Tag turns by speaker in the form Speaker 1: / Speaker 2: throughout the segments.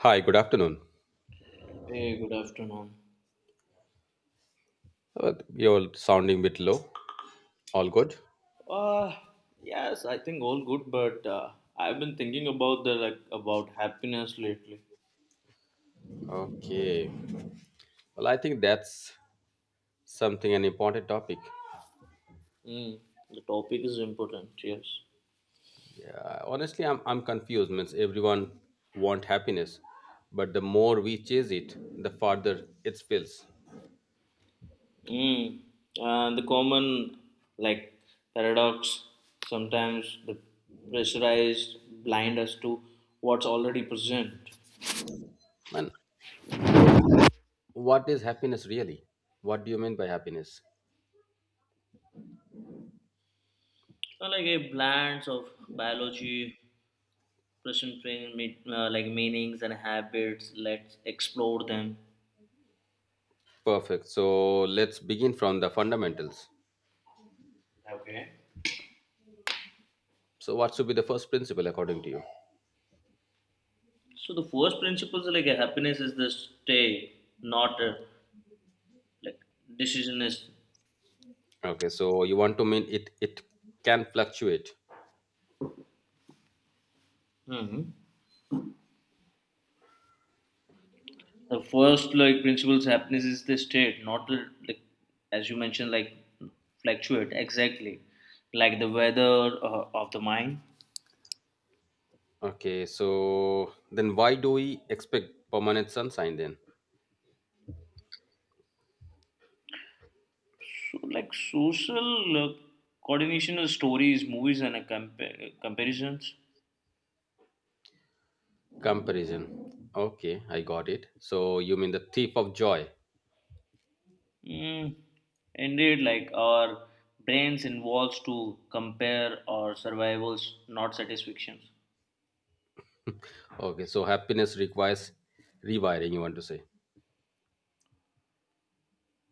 Speaker 1: Hi, good afternoon.
Speaker 2: Hey, good afternoon.
Speaker 1: You're sounding a bit low. All good?
Speaker 2: Uh, yes, I think all good, but I've been thinking about the like about happiness lately.
Speaker 1: Okay. Well, I think that's something an important topic.
Speaker 2: Mm, the topic is important, yes.
Speaker 1: Yeah, honestly, I'm confused. Means everyone want happiness, but the more we chase it, the farther it feels.
Speaker 2: Mm, and the common like paradox sometimes the pressurized blind us to what's already present.
Speaker 1: Man, then what is happiness really? What do you mean by happiness?
Speaker 2: Like a blend of biology, present pain, like meanings and habits. Let's explore them.
Speaker 1: Perfect. So let's begin from the fundamentals.
Speaker 2: Okay.
Speaker 1: So what should be the first principle according to you?
Speaker 2: So the first principles happiness is the stay, not like decision is.
Speaker 1: Okay, so you want to mean it can fluctuate.
Speaker 2: Hmm. The first like principles happiness is the state, not the like, as you mentioned, like fluctuate exactly, like the weather of the mind.
Speaker 1: Okay, so then why do we expect permanent sunshine then?
Speaker 2: So like social coordination of stories, movies, and comparisons.
Speaker 1: Comparison. Okay, I got it. So you mean the thief of joy.
Speaker 2: Mm, Indeed, like our brains involves to compare our survivals, not satisfactions.
Speaker 1: Okay, so happiness requires rewiring, you want to say.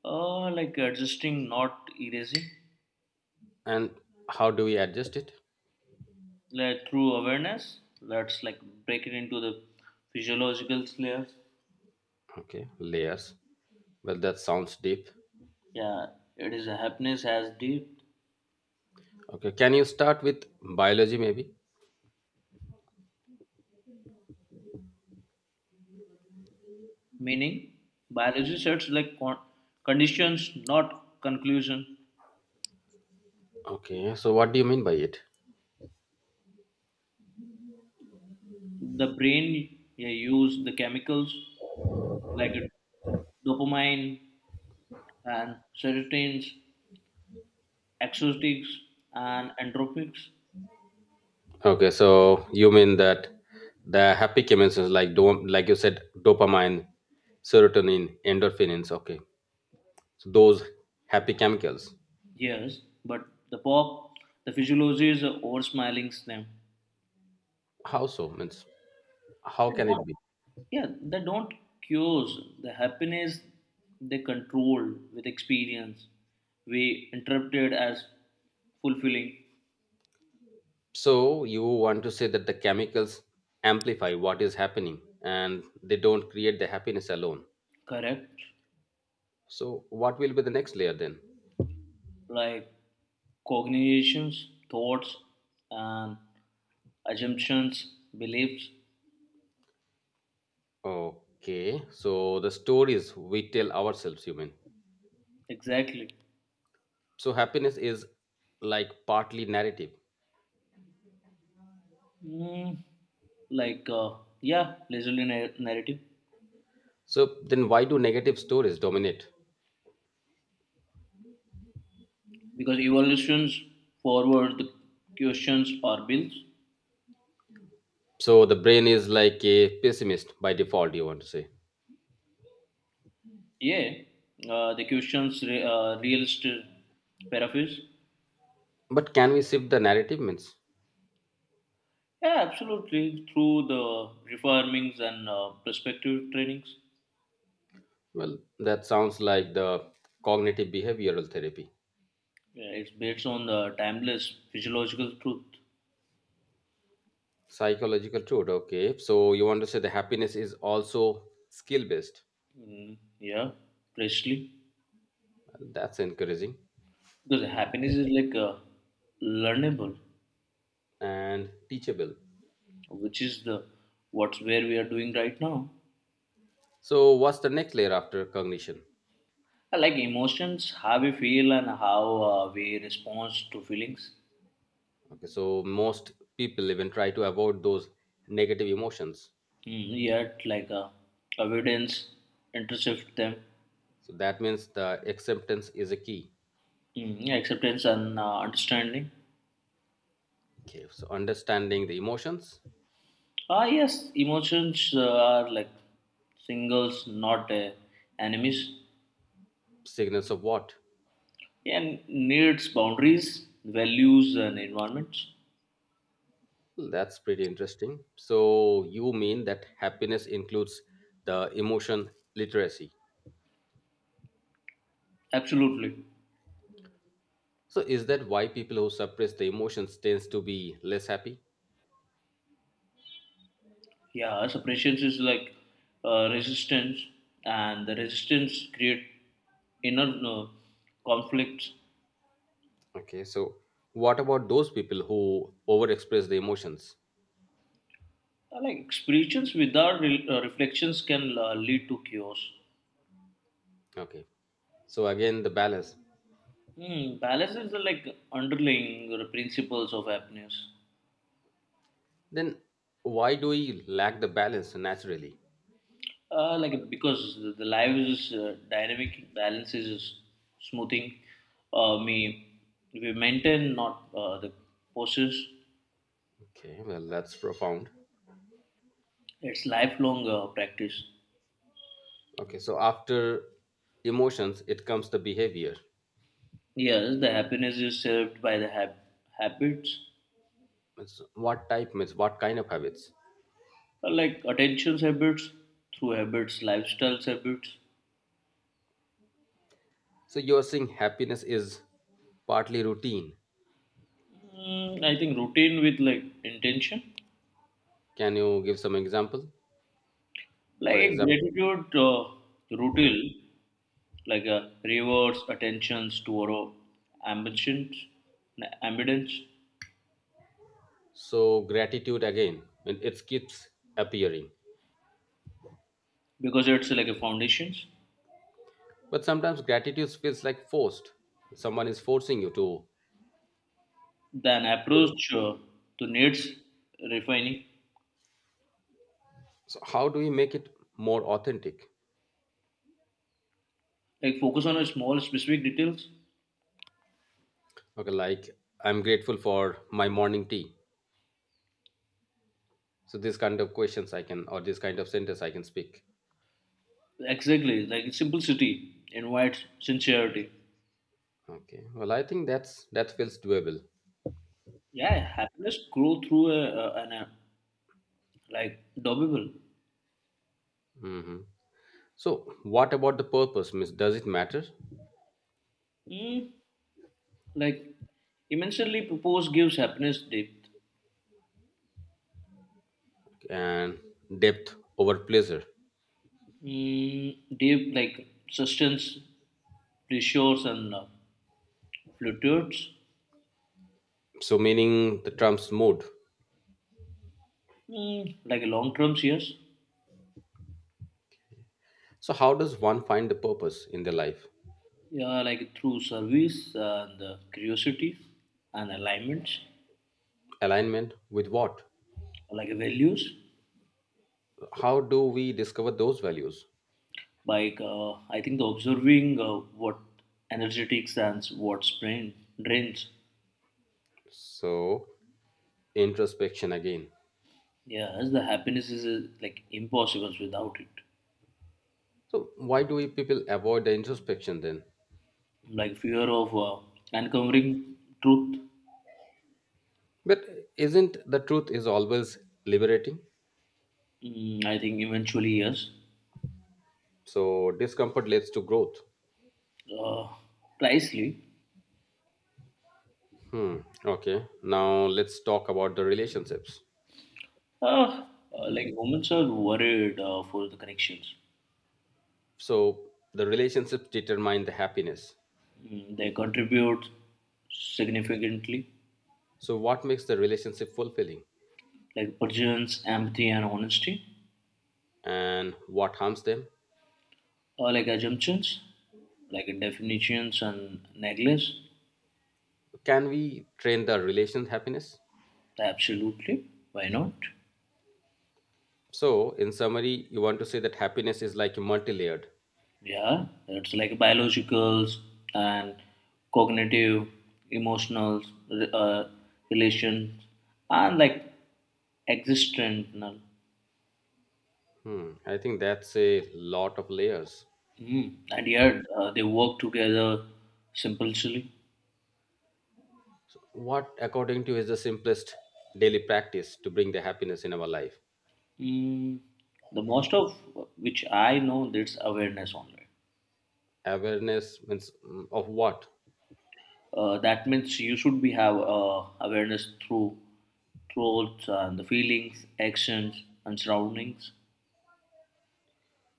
Speaker 2: Like adjusting, not erasing.
Speaker 1: And how do we adjust it?
Speaker 2: Like through awareness, let's like break it into the physiological layers.
Speaker 1: Okay, layers. Well, that sounds deep.
Speaker 2: Yeah, it is a happiness has deep
Speaker 1: Okay, can you start with biology maybe?
Speaker 2: meaning. Biology sets conditions, not conclusion.
Speaker 1: Okay, so what do you mean by it?
Speaker 2: The brain, yeah, use the chemicals like dopamine and serotonin, exotics and entropics.
Speaker 1: Okay, so you mean that the happy chemicals like do like you said dopamine, serotonin, endorphins. Okay, so those happy chemicals.
Speaker 2: Yes, but the pop, the physiology is over smiling them.
Speaker 1: How so? Means how
Speaker 2: They
Speaker 1: can it
Speaker 2: don't-
Speaker 1: be?
Speaker 2: yeah, they don't cure the happiness, they control with experience. We interpret it as fulfilling,
Speaker 1: So you want to say that the chemicals amplify what is happening and they don't create the happiness alone.
Speaker 2: correct?
Speaker 1: So what will be the next layer then?
Speaker 2: Like cognitions, thoughts, and assumptions, beliefs.
Speaker 1: Okay, so the stories we tell ourselves, you mean.
Speaker 2: Exactly.
Speaker 1: So happiness is like partly narrative.
Speaker 2: Mm, like, uh, yeah, lazily narrative.
Speaker 1: So then why do negative stories dominate?
Speaker 2: Because evolutions forward the questions or bills.
Speaker 1: So the brain is like a pessimist by default, you want to say.
Speaker 2: Yeah, realist paraphrase.
Speaker 1: But can we shift the narrative means?
Speaker 2: Yeah, absolutely. Through the refarmings and perspective trainings.
Speaker 1: Well, that sounds like the cognitive behavioral therapy,
Speaker 2: Yeah, it's based on the timeless physiological truth.
Speaker 1: psychological tool. Okay, so you want to say the happiness is also skill based.
Speaker 2: Yeah, precisely.
Speaker 1: That's encouraging
Speaker 2: Because happiness is learnable,
Speaker 1: and teachable.
Speaker 2: which is the what's where we are doing right now.
Speaker 1: So, what's the next layer after cognition?
Speaker 2: I like emotions, how we feel and how we respond to feelings.
Speaker 1: Okay, so most people even try to avoid those negative emotions.
Speaker 2: Mm, yet, evidence intercept them.
Speaker 1: So, that means the acceptance is a key.
Speaker 2: Mm, yeah, acceptance and understanding.
Speaker 1: Okay, so understanding the emotions,
Speaker 2: Ah, yes, emotions are like singles, not enemies,
Speaker 1: signals of what?
Speaker 2: and needs boundaries, values, and environments.
Speaker 1: That's pretty interesting. So, you mean that happiness includes the emotion literacy.
Speaker 2: Absolutely.
Speaker 1: So, is that why people who suppress the emotions tends to be less happy?
Speaker 2: Yeah, suppression is resistance, and the resistance create inner conflicts.
Speaker 1: Okay, so what about those people who overexpress the emotions?
Speaker 2: Like experiences without reflections can lead to chaos.
Speaker 1: Okay. So, again the balance.
Speaker 2: Hmm, balance is like underlying principles of happiness.
Speaker 1: Then why do we lack the balance naturally?
Speaker 2: Like because the live's dynamic balance is smoothing. Me we maintain not the poses.
Speaker 1: Okay, well that's profound.
Speaker 2: It's lifelong practice.
Speaker 1: Okay, so after emotions it comes the behavior.
Speaker 2: Yes, the happiness is served by the habits.
Speaker 1: It's what type means what kind of habits?
Speaker 2: Like attention habits, through habits, lifestyle habits.
Speaker 1: So you're saying happiness is partly routine.
Speaker 2: Mm, I think routine with like intention.
Speaker 1: Can you give some example
Speaker 2: Like
Speaker 1: or
Speaker 2: a
Speaker 1: example?
Speaker 2: gratitude routine, like rewards attentions to our ambitions, ambitions,
Speaker 1: So gratitude again, and it keeps appearing.
Speaker 2: because it's like a foundations.
Speaker 1: But sometimes gratitude feels like forced. Someone is forcing you to.
Speaker 2: Then approach to needs refining,
Speaker 1: So how do we make it more authentic?
Speaker 2: like focus on a small specific details.
Speaker 1: Okay, like I'm grateful for my morning tea. So this kind of questions I can, or this kind of sentence I can speak.
Speaker 2: Exactly, like simplicity invites sincerity.
Speaker 1: Okay. Well, I think that's that feels doable.
Speaker 2: Yeah, happiness grow through like doable.
Speaker 1: Hmm. So what about the purpose, Miss? Does it matter?
Speaker 2: Mm, like immensely propose gives happiness depth.
Speaker 1: And depth over pleasure.
Speaker 2: Mm, deep like sustains pressures and fluctuates.
Speaker 1: So, meaning the Trump's mood.
Speaker 2: Mm, like long terms, yes.
Speaker 1: So, how does one find the purpose in their life?
Speaker 2: Yeah, like through service and curiosity and alignments.
Speaker 1: Alignment with what?
Speaker 2: Like values.
Speaker 1: How do we discover those values?
Speaker 2: I think the observing what energetics and what drains.
Speaker 1: So, introspection again.
Speaker 2: Yes, the happiness is like impossible without it.
Speaker 1: So, why do we people avoid the introspection then?
Speaker 2: Like fear of uncovering truth.
Speaker 1: But isn't the truth is always liberating?
Speaker 2: Mm, I think eventually yes.
Speaker 1: So, discomfort leads to growth.
Speaker 2: uh, Precisely.
Speaker 1: Hmm. Okay. Now let's talk about the relationships.
Speaker 2: Uh, like women are worried for the connections.
Speaker 1: So the relationships determine the happiness.
Speaker 2: Mm, they contribute significantly,
Speaker 1: So, what makes the relationship fulfilling
Speaker 2: like presence, empathy, and honesty.
Speaker 1: and what harms them?
Speaker 2: Like assumptions, like definitions and neglects.
Speaker 1: Can we train the relation happiness?
Speaker 2: Absolutely. Why not?
Speaker 1: So, in summary, you want to say that happiness is like multi layered.
Speaker 2: Yeah, it's like biologicals and cognitive, emotional, uh, relations, and like existential.
Speaker 1: Hmm, I think that's a lot of layers.
Speaker 2: Mm. And yet they work together simplicely.
Speaker 1: So what, according to you, is the simplest daily practice to bring the happiness in our life?
Speaker 2: Mm. The most of which I know, that's awareness only.
Speaker 1: Awareness means of what?
Speaker 2: That means you should be have awareness through thoughts and the feelings, actions and surroundings.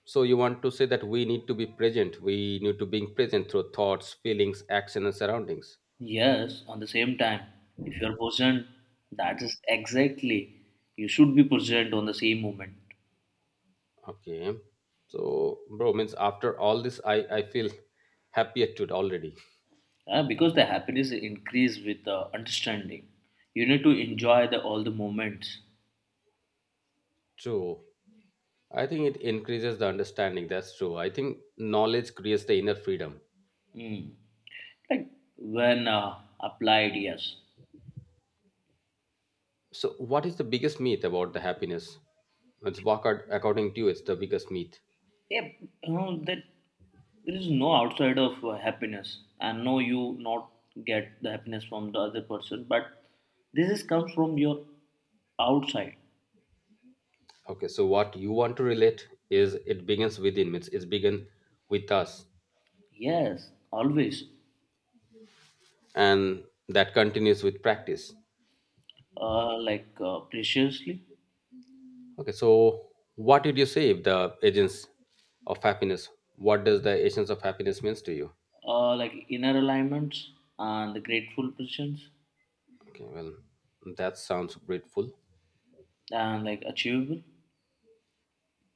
Speaker 1: So, you want to say that we need to be present, we need to being present through thoughts, feelings, action, and surroundings.
Speaker 2: Yes, on the same time, if you're present, that is exactly you should be present on the same moment.
Speaker 1: Okay. So, bro, means after all this, I feel happier to already.
Speaker 2: Because the happiness increase with the understanding. You need to enjoy the all the moments.
Speaker 1: True. I think it increases the understanding. That's true. I think knowledge creates the inner freedom.
Speaker 2: Hmm. Like when applied, yes.
Speaker 1: So, what is the biggest myth about the happiness? It's walk out, according to you, it's the biggest myth.
Speaker 2: Yep. You know that there is no outside of happiness, and no, you not get the happiness from the other person, but this is comes from your outside.
Speaker 1: Okay, so what you want to relate is it begins within, means it's begin with us,
Speaker 2: Yes, always.
Speaker 1: and that continues with practice.
Speaker 2: Preciously.
Speaker 1: Okay, so what did you say if the agents of happiness? What does the agents of happiness means to you?
Speaker 2: Like inner alignments and the grateful positions
Speaker 1: Okay, well, that sounds grateful.
Speaker 2: and like achievable.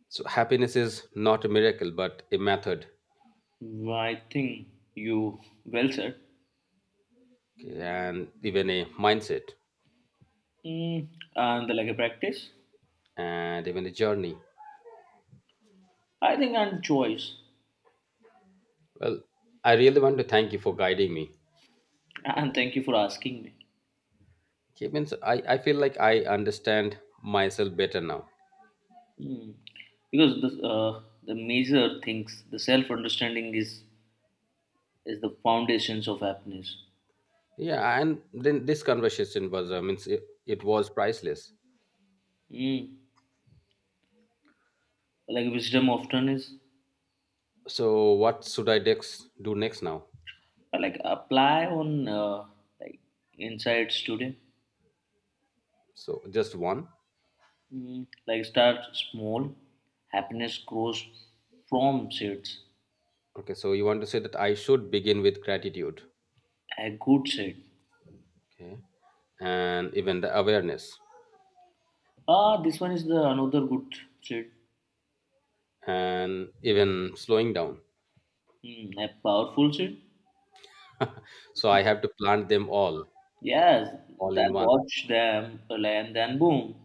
Speaker 1: So happiness is not a miracle, but a method,
Speaker 2: I think you well said.
Speaker 1: okay, and even a mindset,
Speaker 2: Mm, and like a practice.
Speaker 1: and even a journey.
Speaker 2: I think and choice,
Speaker 1: Well, I really want to thank you for guiding me.
Speaker 2: and thank you for asking me.
Speaker 1: Okay, means I feel like I understand myself better now.
Speaker 2: Hmm. Because the major things, the self understanding is the foundations of happiness.
Speaker 1: Yeah, and then this conversation was means it was priceless.
Speaker 2: Hmm. Like wisdom often is.
Speaker 1: So what should I next do next now?
Speaker 2: Like apply on like insights today.
Speaker 1: So just one.
Speaker 2: Hmm. Like start small, happiness grows from seeds.
Speaker 1: Okay, so you want to say that I should begin with gratitude,
Speaker 2: A good seed.
Speaker 1: okay, and even the awareness,
Speaker 2: Ah, this one is the another good seed.
Speaker 1: and even slowing down.
Speaker 2: Hmm. A powerful seed.
Speaker 1: So I have to plant them
Speaker 2: Yes,
Speaker 1: all in
Speaker 2: then
Speaker 1: one.
Speaker 2: watch them, and then boom.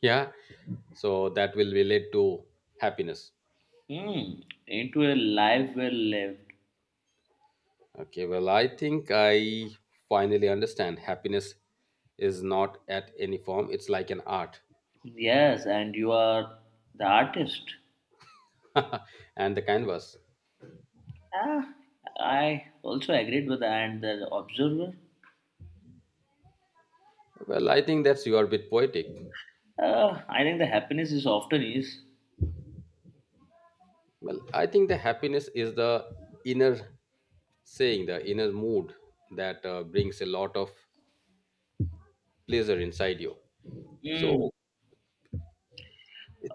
Speaker 1: Yeah, so that will relate to happiness.
Speaker 2: Hmm, into a life well lived.
Speaker 1: Okay, well, I think I finally understand happiness is not at any form, it's like an art
Speaker 2: Yes, and you are the artist.
Speaker 1: and the canvas.
Speaker 2: Ah, I also agreed with that. And the observer.
Speaker 1: Well, I think that's your bit poetic.
Speaker 2: I think the happiness is often is.
Speaker 1: Well, I think the happiness is the inner saying the inner mood that brings a lot of pleasure inside you,
Speaker 2: Hmm.
Speaker 1: so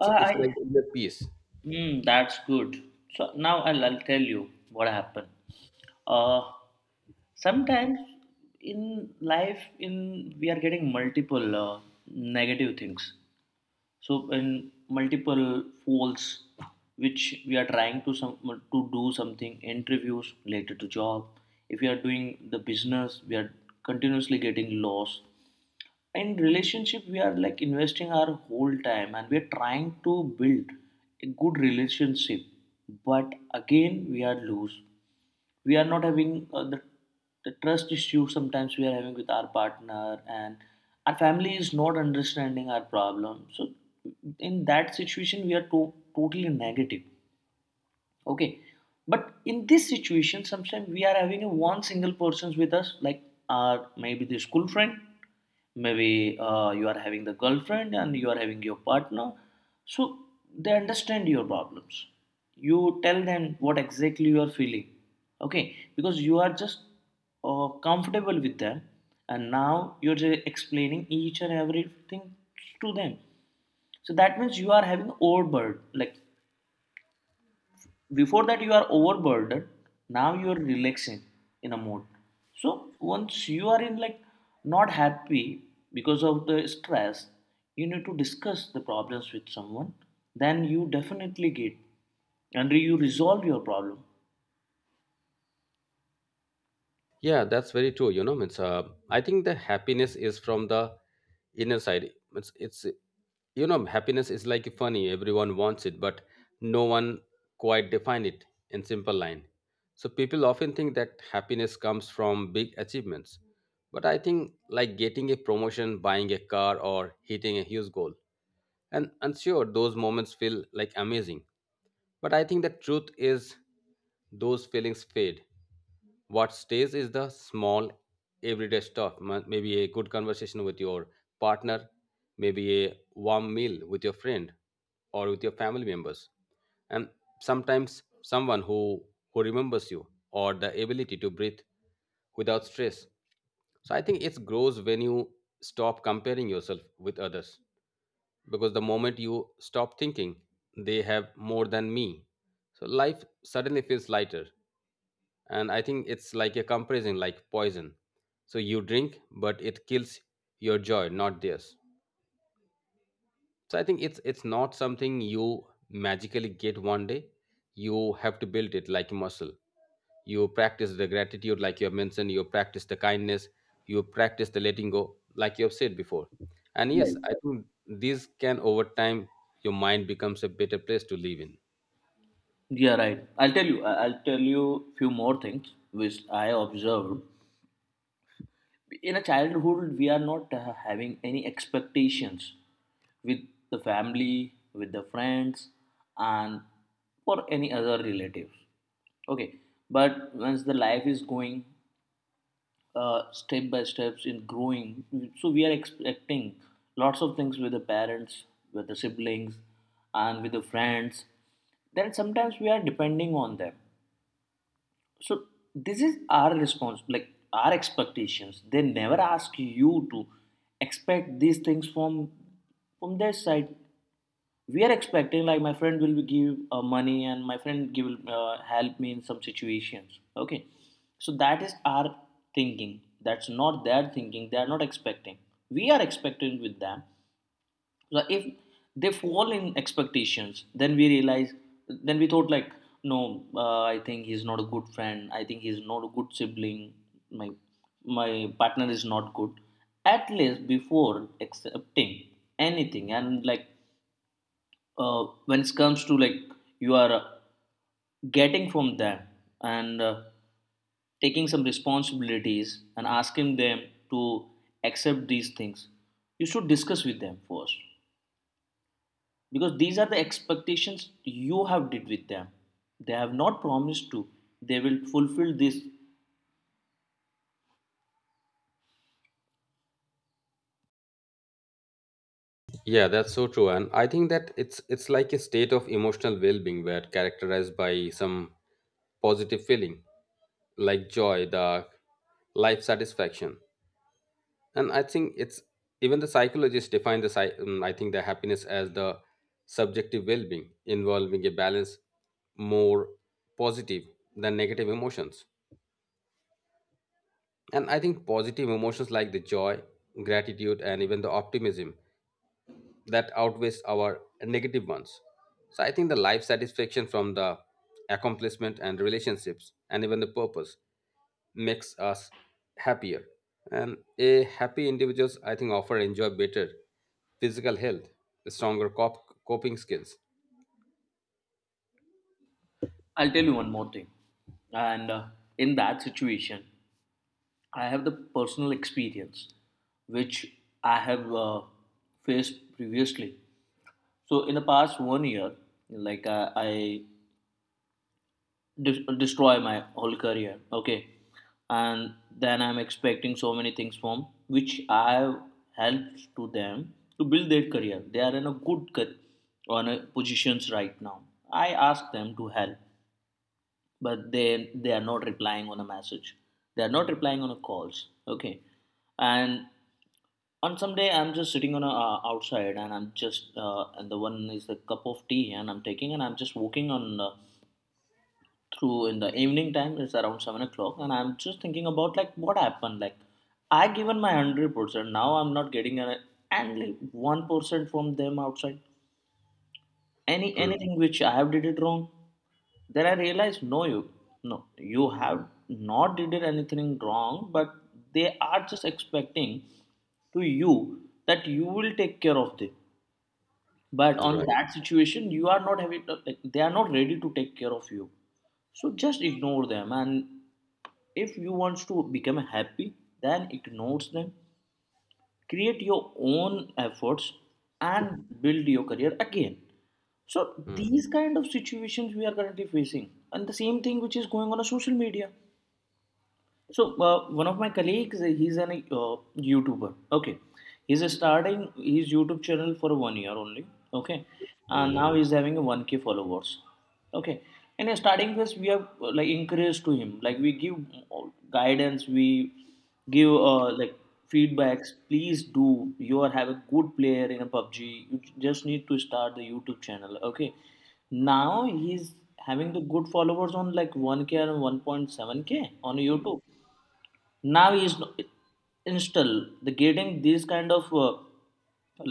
Speaker 1: it's
Speaker 2: I.
Speaker 1: like inner peace.
Speaker 2: Hmm. That's good. So now I'll tell you what happened. Uh, Sometimes in life, in we are getting multiple negative things, so in multiple folds, which we are trying to some to do something interviews related to job. If we are doing the business, we are continuously getting lost. In relationship, we are like investing our whole time, and we are trying to build a good relationship, but again we are loose. We are not having the trust issue sometimes we are having with our partner, and our family is not understanding our problem. So in that situation, we are totally negative. Okay. But in this situation, sometimes we are having a one single persons with us, like our maybe the school friend, maybe you are having the girlfriend, and you are having your partner. So they understand your problems. You tell them what exactly you are feeling, okay, because you are just comfortable with them, and now you're just explaining each and everything to them. So that means you are having overburden. Like, before that you are overburdened, now you are relaxing in a mode. So once you are in like not happy because of the stress, you need to discuss the problems with someone, then you definitely get and you resolve your problem,
Speaker 1: Yeah, that's very true. It's I think the happiness is from the inner side. It's you know happiness is like funny. Everyone wants it, but no one quite define it in simple line. So people often think that happiness comes from big achievements, but I think like getting a promotion, buying a car, or hitting a huge goal. And sure, those moments feel like amazing. But I think the truth is those feelings fade. What stays is the small, everyday stuff. Maybe a good conversation with your partner, maybe a warm meal with your friend or with your family members. And sometimes someone who remembers you, or the ability to breathe without stress. So I think it grows when you stop comparing yourself with others, because the moment you stop thinking they have more than me, so life suddenly feels lighter. And I think it's like a comparison like poison. So you drink, but it kills your joy, not theirs. So I think it's not something you magically get one day. You have to build it like a muscle. You practice the gratitude like you have mentioned, you practice the kindness, you practice the letting go like you have said before. And yes,
Speaker 2: right?
Speaker 1: I think these can over time your mind becomes a better place to live in.
Speaker 2: Yeah, right, I'll tell you I'll tell you few more things which I observed. In a childhood we are not having any expectations with the family, with the friends, and for any other relatives, okay. But once the life is going step by steps in growing, so we are expecting lots of things with the parents, with the siblings, and with the friends. Then sometimes we are depending on them. So this is our response, like our expectations. They never ask you to expect these things from their side. We are expecting like my friend will give money and my friend give help me in some situations. Okay, so that is our thinking. That's not their thinking. They are not expecting. We are expecting with them. Like, if they fall in expectations, then we realize, then we thought like, no, I think he's not a good friend, I think he's not a good sibling, my my partner is not good. At least before accepting anything, and like when it comes to like you are getting from them and taking some responsibilities and asking them to accept these things, you should discuss with them first, because these are the expectations you have did with them. They have not promised to, they will fulfill this.
Speaker 1: Yeah, that's so true. And I think that it's like a state of emotional well-being where characterized by some positive feeling like joy, the life satisfaction. And I think it's even the psychologists define the I think the happiness as the subjective well-being involving a balance more positive than negative emotions. And I think positive emotions like the joy, gratitude, and even the optimism that outweighs our negative ones. So I think the life satisfaction from the accomplishment and relationships and even the purpose makes us happier. And a happy individuals, I think, often enjoy better physical health, stronger coping skills.
Speaker 2: I'll tell you one more thing. And in that situation, I have the personal experience which I have faced previously. So in the past one year, I destroy my whole career, okay. And then I'm expecting so many things from which I have helped to them to build their career. They are in a good on a positions right now. I ask them to help, but they are not replying on a message, they are not replying on a calls, okay. And on some day, I'm just sitting on a outside, and I'm just and the one is the cup of tea and I'm taking, and I'm just walking on through in the evening time. It's around 7 o'clock, and I'm just thinking about like what happened. Like, I given my 100%, now I'm not getting an and like 1% from them outside.
Speaker 1: Mm,
Speaker 2: Anything which I have did it wrong? Then I realized, no, you, no, you have not did it anything wrong, but they are just expecting to you that you will take care of them. But on
Speaker 1: right.
Speaker 2: that situation, you are not having, like, they are not ready to take care of you. So just ignore them. And if you want to become happy, then ignore them. Create your own efforts and build your career again. So these kind of situations we are currently facing, and the same thing which is going on a social media. So one of my colleagues, he's an YouTuber. Okay, he's starting his YouTube channel for one year only. Okay, and now he's having a 1K followers. Okay, and in starting phase, we have like encouraged to him, like we give uh, guidance, we give like feedbacks. Please do. You are have a good player in a PUBG. You just need to start the YouTube channel. Okay, now he's having the good followers on like 1k and 1.7k on YouTube. Now is install the getting these kind of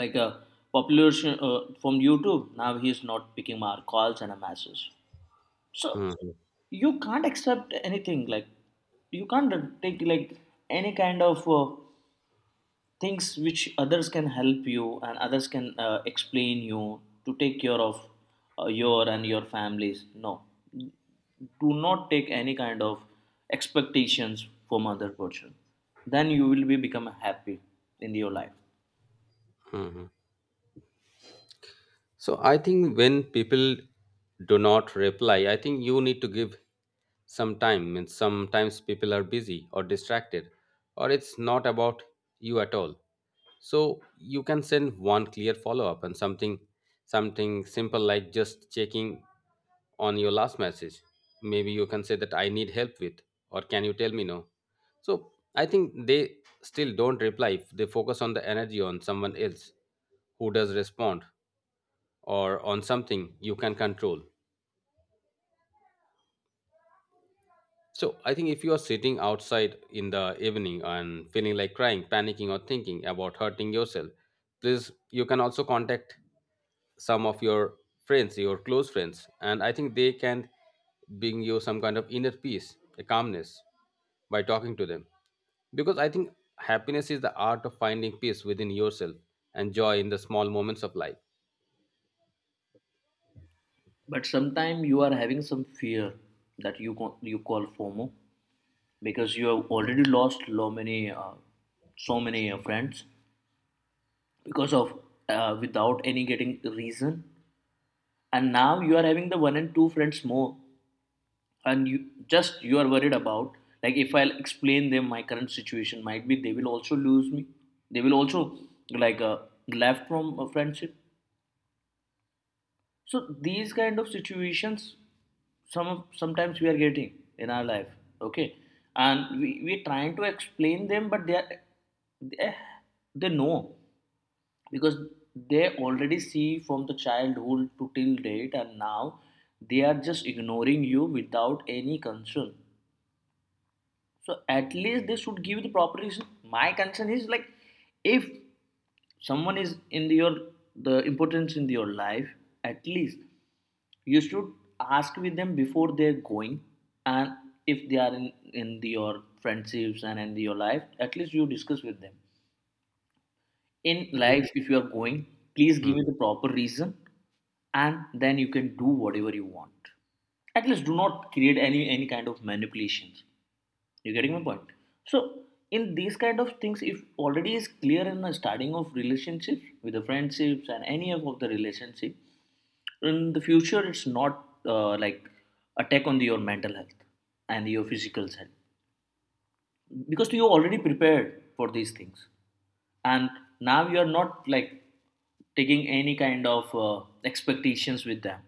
Speaker 2: like a population from YouTube. Now he is not picking our calls and our messages. So
Speaker 1: Mm-hmm.
Speaker 2: you can't accept anything like, you can't take like any kind of things which others can help you and others can explain you to take care of your and your families. No, do not take any kind of expectations from other person, then you will be become happy in your life.
Speaker 1: So I think when people do not reply, I think you need to give some time. And sometimes people are busy or distracted, or it's not about you at all. So you can send one clear follow up and something something simple like just checking on your last message. Maybe you can say that I need help with, or can you tell me no? So I think they still don't reply. They focus on the energy on someone else who does respond, or on something you can control. So I think if you are sitting outside in the evening and feeling like crying, panicking, or thinking about hurting yourself, please you can also contact some of your friends, your close friends, and I think they can bring you some kind of inner peace, a calmness by talking to them. Because I think happiness is the art of finding peace within yourself and joy in the small moments of life.
Speaker 2: But sometimes you are having some fear that you call FOMO, because you have already lost so many so many friends because of without any getting reason. And now you are having the one and two friends more, and you are worried about like, if I'll explain them my current situation, might be they will also lose me. They will also like left from a friendship. So these kind of situations sometimes we are getting in our life. Okay, and we're trying to explain them, but they are they, they know, because they already see from the childhood to till date. And now they are just ignoring you without any concern. So at least they should give the proper reason. My concern is like, if someone is in the, your the importance in your life, at least you should ask with them before they're going. And if they are in the, your friendships and in the, your life, at least you discuss with them in
Speaker 1: Yeah.
Speaker 2: life. If you are going, please
Speaker 1: Hmm.
Speaker 2: give me the proper reason, and then you can do whatever you want. At least do not create any kind of manipulations. You are getting my point. So in these kind of things, if already is clear in the starting of relationship, with the friendships and any of the relationship, in the future it's not like attack on the, your mental health and your physical health, because you are already prepared for these things. And now you're not like taking any kind of expectations with them.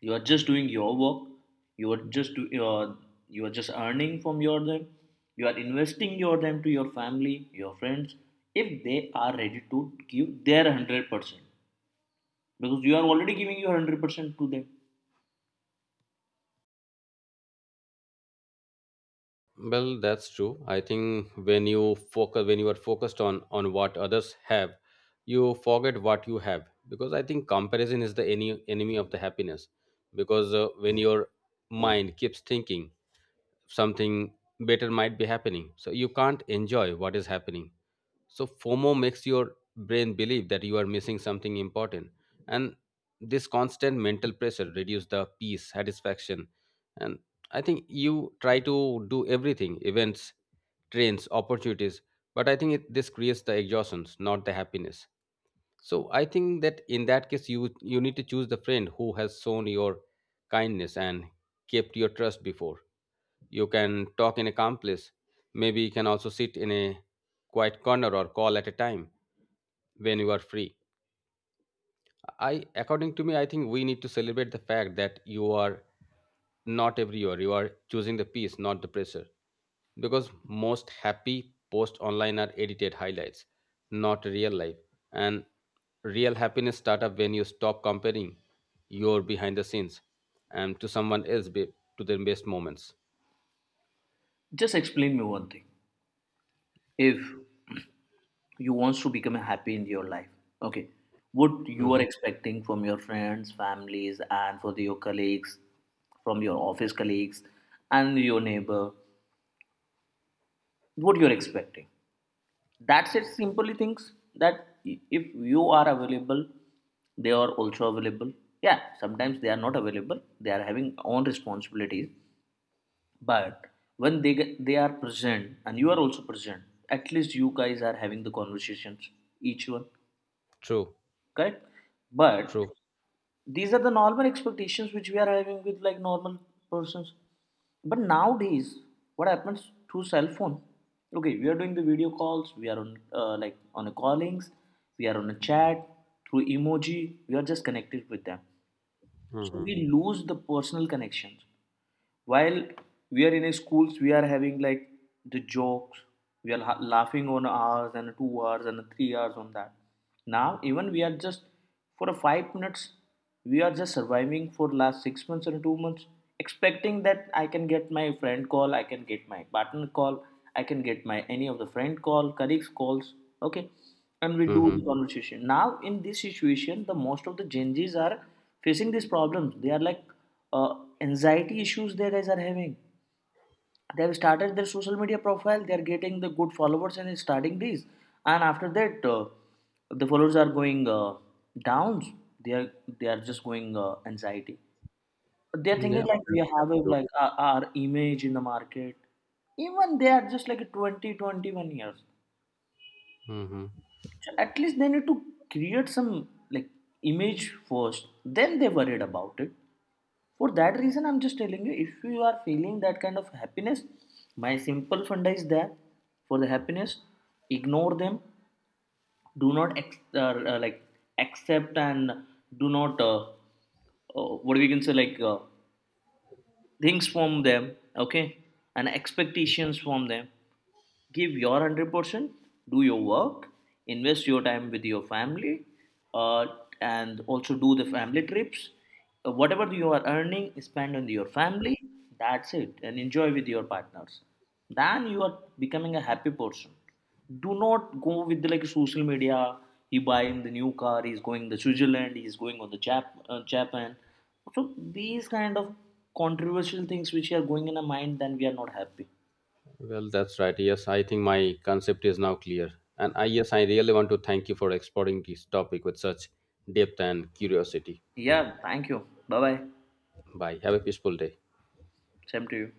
Speaker 2: You are just doing your work. you are just do, uh, you are just earning from your them. You are investing your them to your family, your friends. If they are ready to give their 100%, because you are already giving your 100% to them.
Speaker 1: Well, that's true. I think when you focus, when you are focused on what others have, you forget what you have. Because I think comparison is the any enemy of the happiness. Because when your mind keeps thinking something better might be happening, so you can't enjoy what is happening. So FOMO makes your brain believe that you are missing something important. And this constant mental pressure reduces the peace, satisfaction. And I think you try to do everything events, trains, opportunities. But I think it, this creates the exhaustions, not the happiness. So I think that in that case, you need to choose the friend who has shown your kindness and kept your trust before. You can talk in a calm place. Maybe you can also sit in a quiet corner or call at a time when you are free. I, according to me, I think we need to celebrate the fact that you are not everywhere. You are choosing the peace, not the pressure. Because most happy posts online are edited highlights, not real life. And real happiness start up when you stop comparing your behind the scenes and to someone else be, to their best moments.
Speaker 2: Just explain me one thing. If you wants to become happy in your life, okay, what you
Speaker 1: Mhm.
Speaker 2: are expecting from your friends, families and for the, your colleagues, from your office colleagues and your neighbor? What you're expecting? That's it, simply things that if you are available, they are also available. Yeah, sometimes they are not available, they are having own responsibilities. But when they get, they are present and you are also present, at least you guys are having the conversations each one.
Speaker 1: True,
Speaker 2: Correct? But
Speaker 1: true.
Speaker 2: these are the normal expectations which we are having with like normal persons. But nowadays, what happens through cell phone? Okay, we are doing the video calls, we are on like on a callings, we are on a chat through emoji. We are just connected with them. So
Speaker 1: Hmm.
Speaker 2: we lose the personal connections. While we are in a schools, we are having like the jokes. We are laughing on hours and 2 hours and 3 hours on that. Now even we are just for a 5 minutes. We are just surviving for last 6 months and 2 months, expecting that I can get my friend call, I can get my partner call, I can get my any of the friend call, colleagues calls. Okay, and we do
Speaker 1: Hmm.
Speaker 2: the conversation. Now in this situation, the most of the Gen Z's are facing these problems. They are like uh, anxiety issues they guys are having. They have started their social media profile. They are getting the good followers and starting these, and after that, the followers are going downs. They are, they are just going anxiety. They are
Speaker 1: Yeah,
Speaker 2: thinking like we
Speaker 1: that's
Speaker 2: have a,
Speaker 1: true.
Speaker 2: like our image in the market. Even they are just like 20, 21 years.
Speaker 1: Hmm.
Speaker 2: So at least they need to create some like image first. Then they worried about it. For that reason, I'm just telling you, if you are feeling that kind of happiness, my simple funda is there for the happiness. Ignore them. Do not ex- like Accept and do not what we can say like things from them. Okay, and expectations from them, give your 100%, do your work, invest your time with your family, uh, and also do the family trips. Whatever you are earning, spend on your family. That's it, and enjoy with your partners. Then you are becoming a happy person. Do not go with the, like social media, he buying the new car, he's going to Switzerland, he's going on the Japan. So these kind of controversial things which are going in our mind, then we are not happy.
Speaker 1: Well, that's right. Yes, I think my concept is now clear. And I, yes, I really want to thank you for exploring this topic with such depth and curiosity.
Speaker 2: Yeah, thank you. Bye bye.
Speaker 1: Bye. Have a peaceful day.
Speaker 2: Same to you.